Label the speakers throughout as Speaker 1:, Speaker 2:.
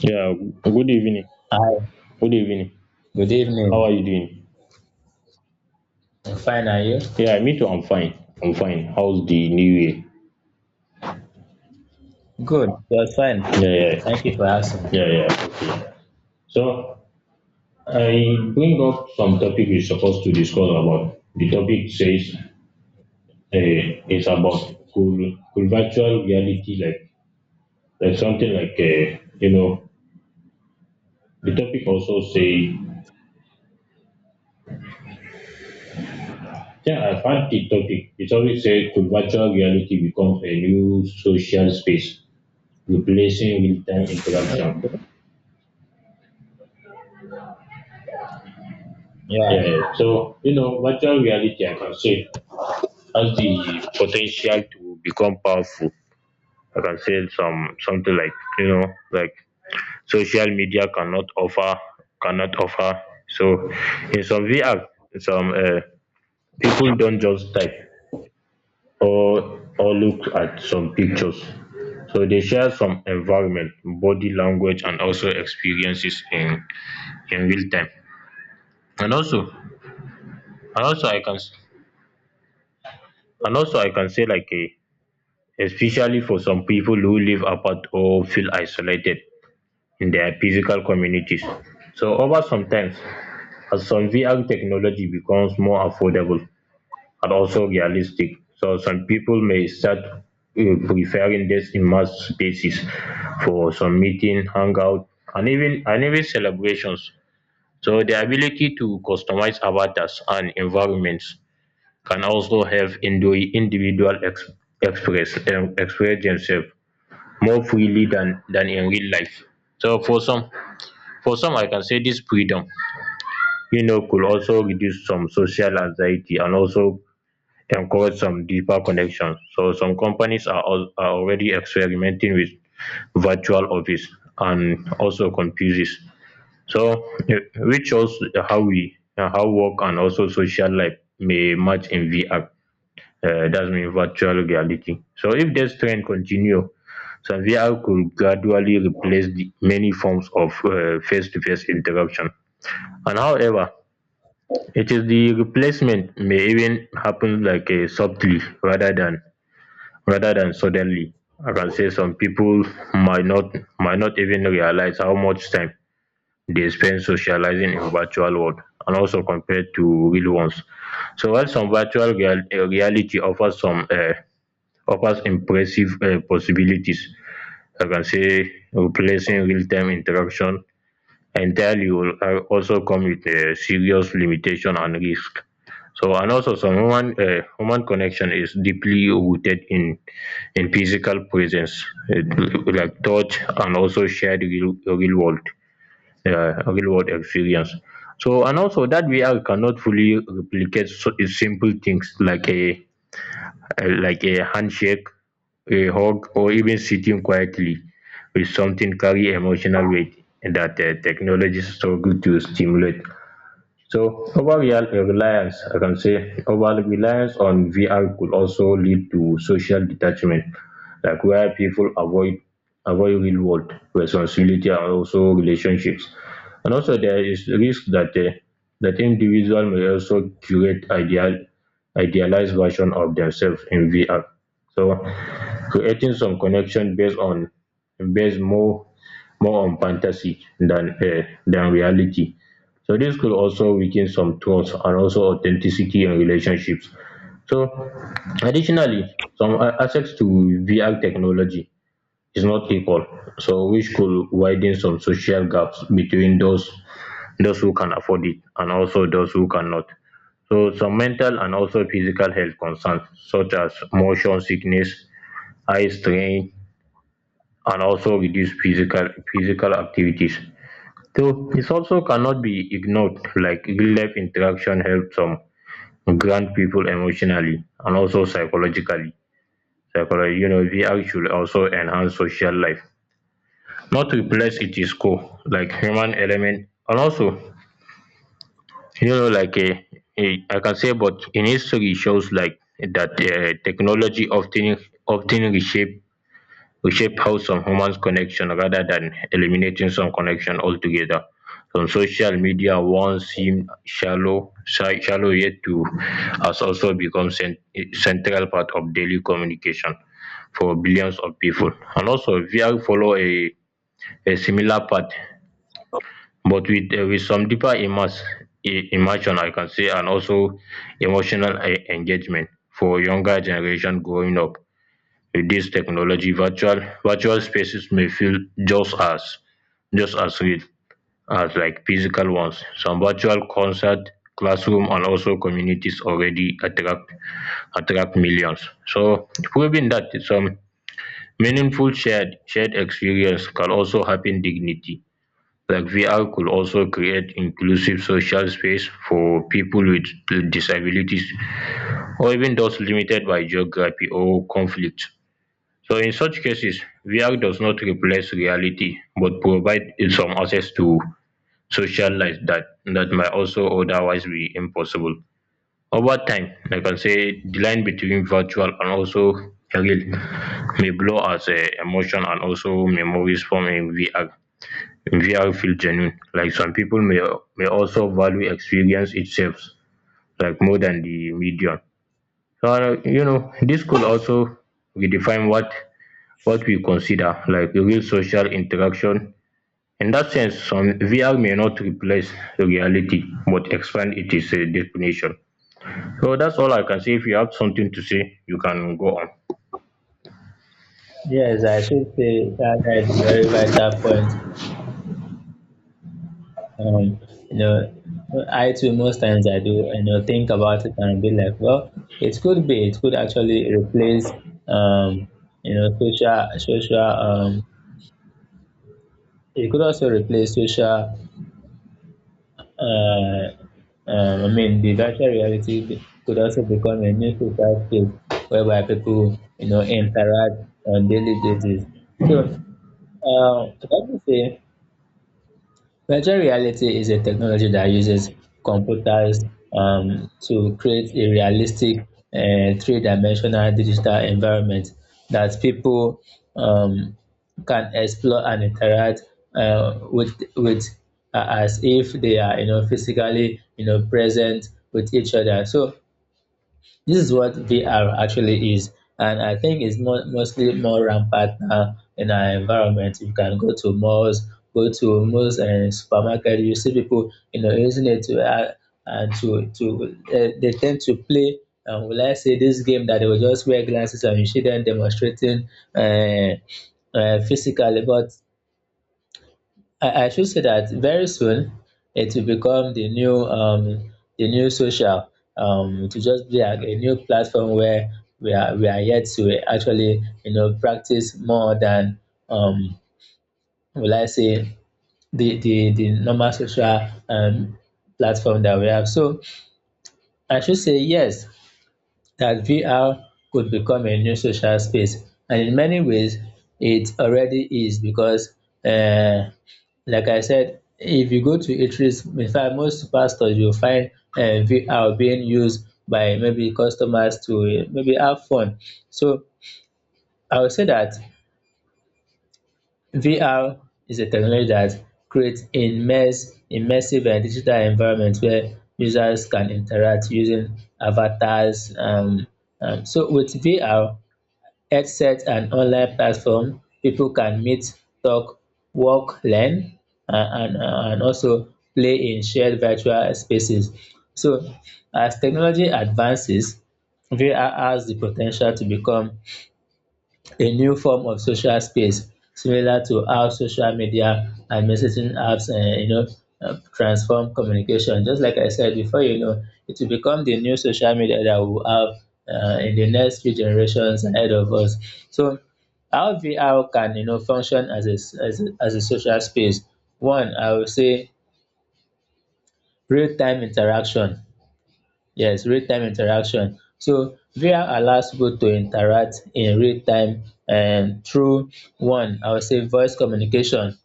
Speaker 1: Yeah, good evening.
Speaker 2: Hi,
Speaker 1: Good evening.
Speaker 2: good
Speaker 1: How
Speaker 2: evening.
Speaker 1: are you doing?
Speaker 2: I'm fine, are you?
Speaker 1: Yeah, me too. I'm fine. I'm fine. How's the new year?
Speaker 2: Good, just fine.
Speaker 1: Yeah, yeah,
Speaker 2: Thank you for asking.
Speaker 1: yeah, yeah. Okay. So I bring up some topic we're supposed to discuss about. The topic says it's about cool virtual reality, like something like The topic also say yeah, I found the topic. It always say could virtual reality becomes a new social space replacing real time interaction.
Speaker 2: Yeah,
Speaker 1: Yeah. So, virtual reality, I can say, has the potential to become powerful. I can say something like, like social media cannot offer, cannot offer. So, in some VR, some people don't just type or look at some pictures. So they share some environment, body language, and also experiences in real time. And also, and also I can s- I can say like a especially for some people who live apart or feel isolated in their physical communities. So over some time, as some VR technology becomes more affordable and also realistic, so some people may start preferring this immersed spaces for some meeting, hangout, and even celebrations. So the ability to customize avatars and environments can also help individual express express themselves more freely than in real life, so for some, I can say this freedom, you know, could also reduce some social anxiety and also encourage some deeper connections. So some companies are are already experimenting with virtual office and also computers, so which shows how we, how work and also social life may merge in VR, that's in virtual reality. So if this trend continue, some VR could gradually replace the many forms of face-to-face interaction. And however, it is the replacement may even happen like subtly rather than suddenly. I can say some people might not even realize how much time they spend socializing in virtual world and also compared to real ones. So while some virtual reality offers some offers impressive possibilities, like I can say replacing real-time interaction entirely will also come with serious limitation and risk. So and also some human human connection is deeply rooted in physical presence, like touch and also shared real world, real world experience, so and also that VR cannot fully replicate. So simple things like a handshake, a hug, or even sitting quietly with something carry emotional weight that technology struggle to stimulate. So overall reliance, I can say, over reliance on VR could also lead to social detachment, like where people avoid real world responsibility and also relationships. And also there is risk that that individual may also create idealized version of themselves in VR. So creating some connection based on, based more more on fantasy than reality. So this could also weaken some trust and also authenticity in relationships. So additionally, access to VR technology is not equal, so which could widen some social gaps between those who can afford it and also those who cannot. So some mental and also physical health concerns such as motion sickness, eye strain, and also reduced physical activities, so it also cannot be ignored. Like real life interaction helps some grant people emotionally and also psychologically. Psychologically, you know, VR should also enhance social life, not replace its core, like human element. And also, you know, I can say, but in history shows like that technology often reshape, we shape how some humans connection rather than eliminating some connection altogether. Some social media once seemed shallow, shallow yet to, has also become central part of daily communication for billions of people. And also, VR follow a similar path, but with some deeper immersion, I can say, and also emotional engagement for younger generation growing up. With this technology, virtual spaces may feel just as just as real as like physical ones. Some virtual concert, classroom, and also communities already attract millions. So proving that some meaningful shared experience can also happen dignity. Like VR could also create inclusive social space for people with disabilities or even those limited by geography or conflict. So in such cases, VR does not replace reality but provide some access to social life that might also otherwise be impossible. Over time, I can say the line between virtual and also real may blur as emotion and also memories from in VR feel genuine. Like some people may also value experience itself, like more than the medium. So you know, this could also redefine what we consider like real social interaction. In that sense, some VR may not replace reality but expand its definition. So that's all I can say. If you have something to say, you can go on.
Speaker 2: yes, I should say that is a very vital point. Um, you know, I too, most times I do, you know, think about it and be like, well, it could actually replace, um, you know, social, it could also replace social uh, I mean, the virtual reality could also become a new social space whereby people, you know, interact on daily basis. So, uh, what do you say? Virtual reality is a technology that uses computers to create a realistic three-dimensional digital environment that people, um, can explore and interact with as if they are, you know, physically, you know, present with each other. So this is what VR actually is, and I think it's mostly more rampant now in our environment. You can go to malls, go to most supermarket. You see people, you know, using it to and to to they tend to play. Will I say this game that they will just wear glasses and you see them demonstrating uh, physically, but I should say that very soon it will become the new social, to just be a new platform where we are yet to actually, you know, practice more than, um, will I say the normal social, platform that we have. So I should say yes that VR could become a new social space. And in many ways, it already is because, uh, like I said, if you go to eateries, in fact, most pastors you'll find VR being used by maybe customers to maybe have fun. So I would say that VR is a technology that creates immersive and digital environment where users can interact using avatars. So with VR, headset and online platform people can meet, talk, work, learn, and also play in shared virtual spaces. So as technology advances, VR has the potential to become a new form of social space, similar to how social media and messaging apps, you know, transform communication. Just like I said, before you know, it will become the new social media that we will have in the next few generations ahead of us. So how VR can, you know, function as a s- as a social space? One, I will say real time interaction. Yes, real-time interaction. So VR allows people to interact in real time, and through one, I would say voice communication.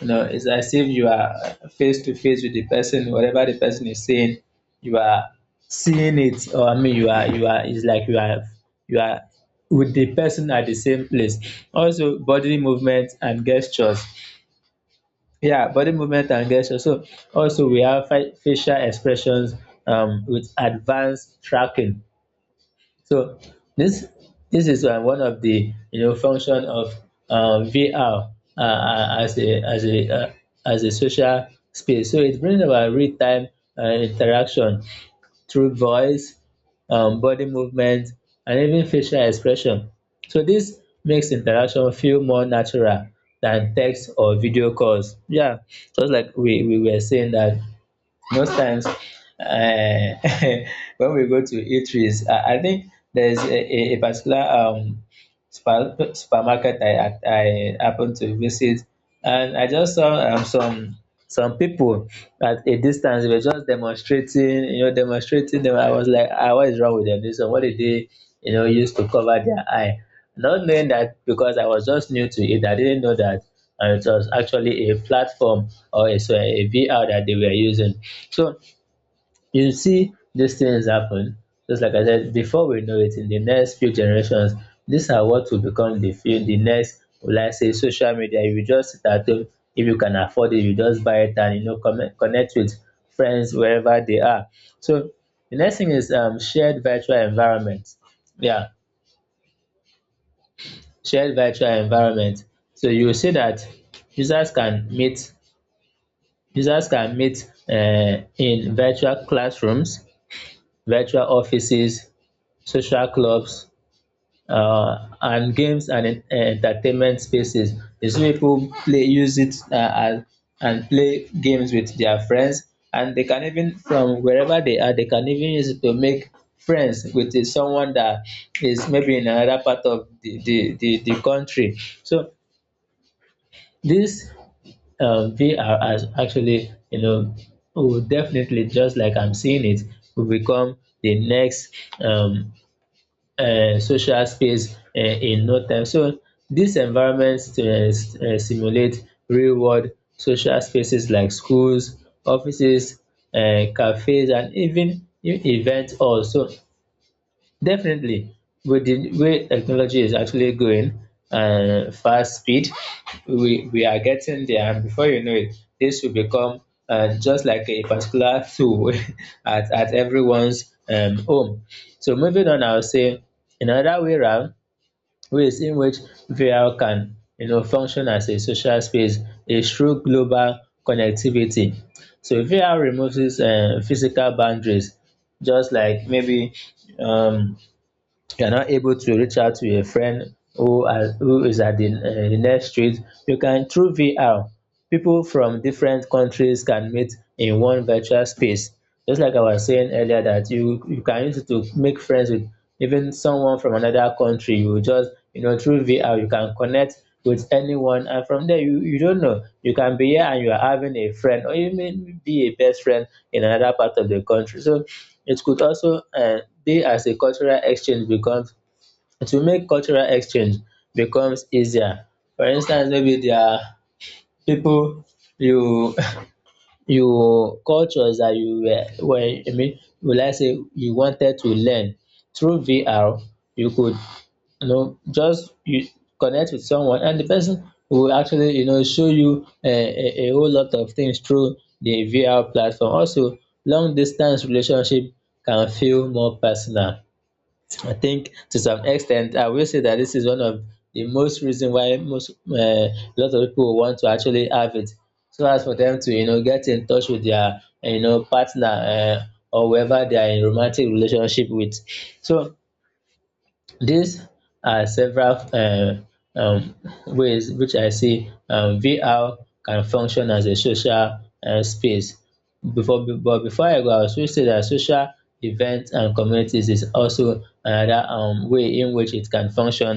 Speaker 2: You know, it's as if you are face to face with the person. Whatever the person is saying, you are seeing it. Or I mean you are, it's like you are, you are with the person at the same place. Also bodily movement and gestures. Yeah, body movement and gestures. So also we have facial expressions with advanced tracking. So this this is, one of the, you know, function of, VR, as a social space. So it brings about real time, interaction through voice, body movement, and even facial expression. So this makes interaction feel more natural than text or video calls. Yeah, just like we were saying that most times, when we go to eateries, I think there's a particular, supermarket I happened to visit, and I just saw, some people at a distance. They were just demonstrating, you know, demonstrating them. I was like, ah, what is wrong with them, this one? What did they, you know, use to cover their eye? Not knowing that, because I was just new to it, I didn't know that. And it was actually a platform or a, so a VR that they were using. So you see these things happen. Just like I said, before we know it, in the next few generations, these are what will become the few, the next, will I say, social media. You just sit at home, if you can afford it, you just buy it and, you know, connect with friends wherever they are. So the next thing is, shared virtual environment. Yeah, shared virtual environment. So you will see that users can meet users can meet, in virtual classrooms, virtual offices, social clubs, and games and entertainment spaces. The some people play use it, as and play games with their friends, and they can even from wherever they are, they can even use it to make friends with, someone that is maybe in another part of the country. So this, VR has actually, you know, will definitely, just like I'm seeing it, will become the next, um social space, in no time. So these environments, simulate real world social spaces like schools, offices, cafes, and even event halls. So definitely, with the way technology is actually going, fast speed, we are getting there, and before you know it, this will become, just like a particular tool at everyone's, home. So moving on, I'll say another way around, ways in which VR can, you know, function as a social space is through global connectivity. So VR removes, physical boundaries, just like maybe, um, you are not able to reach out to a friend who is at the next street. You can through VR, people from different countries can meet in one virtual space. Just like I was saying earlier that you can use it to make friends with even someone from another country. You just, you know, through VR, you can connect with anyone, and from there, you don't know, you can be here and you are having a friend or even be a best friend in another part of the country. So it could also, dey as a cultural exchange becomes to make cultural exchange becomes easier. For instance, maybe there are people, you you cultures that you were I mean will I say you wanted to learn through VR, you could, you know, just you connect with someone and the person will actually, you know, show you a whole lot of things through the VR platform. Also, long distance relationship can feel more personal. I think to some extent, I will say that this is one of the most reason why most, lot of people want to actually have it, so as for them to, you know, get in touch with their, you know, partner, or whoever they are in romantic relationship with. So these are several, um ways which I see, VR can function as a social, space. Before I go, I will say that social events and communities is also another, way in which it can function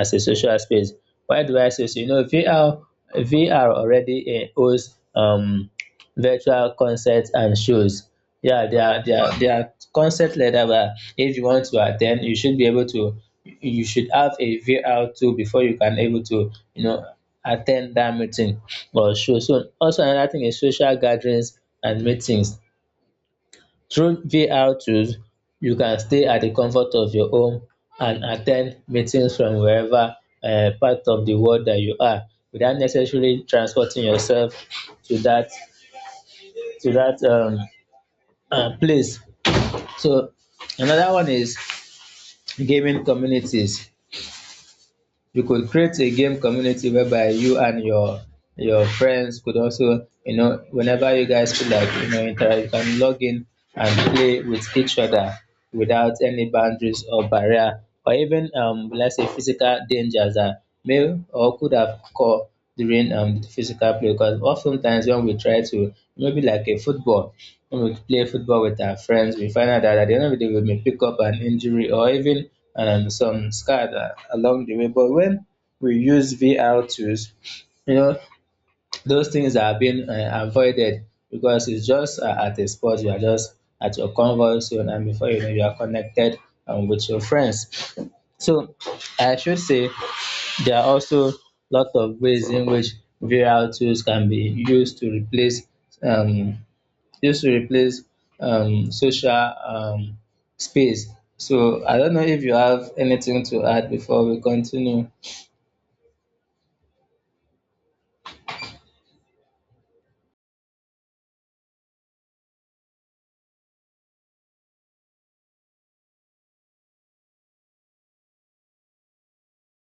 Speaker 2: as a social space. Why do I say so? You know, VR already, holds, virtual concerts and shows. Yeah, they are, they are concept like that. But if you want to attend, you should be able to you should have a VR tool before you can able to, you know, attend that meeting or show. So also another thing is social gatherings and meetings. Through VR tools, you can stay at the comfort of your home and attend meetings from wherever, part of the world that you are, without necessarily transporting yourself to that to that, place. So another one is gaming communities. You could create a game community whereby you and your friends could also, you know, whenever you guys feel like, you know, interact, you can log in and play with each other without any boundaries or barrier, or even, let's say, physical dangers that may or during, the physical play. Because oftentimes when we try to maybe like a football, when we play football with our friends, we find out that at the end of the day we may pick up an injury, or even, some along the way. But when we use VR tools, you know, those things are being, avoided, because it's just, at a spot. You are just at your convert zone, and before you know, you are connected, with your friends. So I should say there are also lot of ways in which VR tools can be used to replace, um, used to replace social, space. So I don't know if you have anything to add before we continue.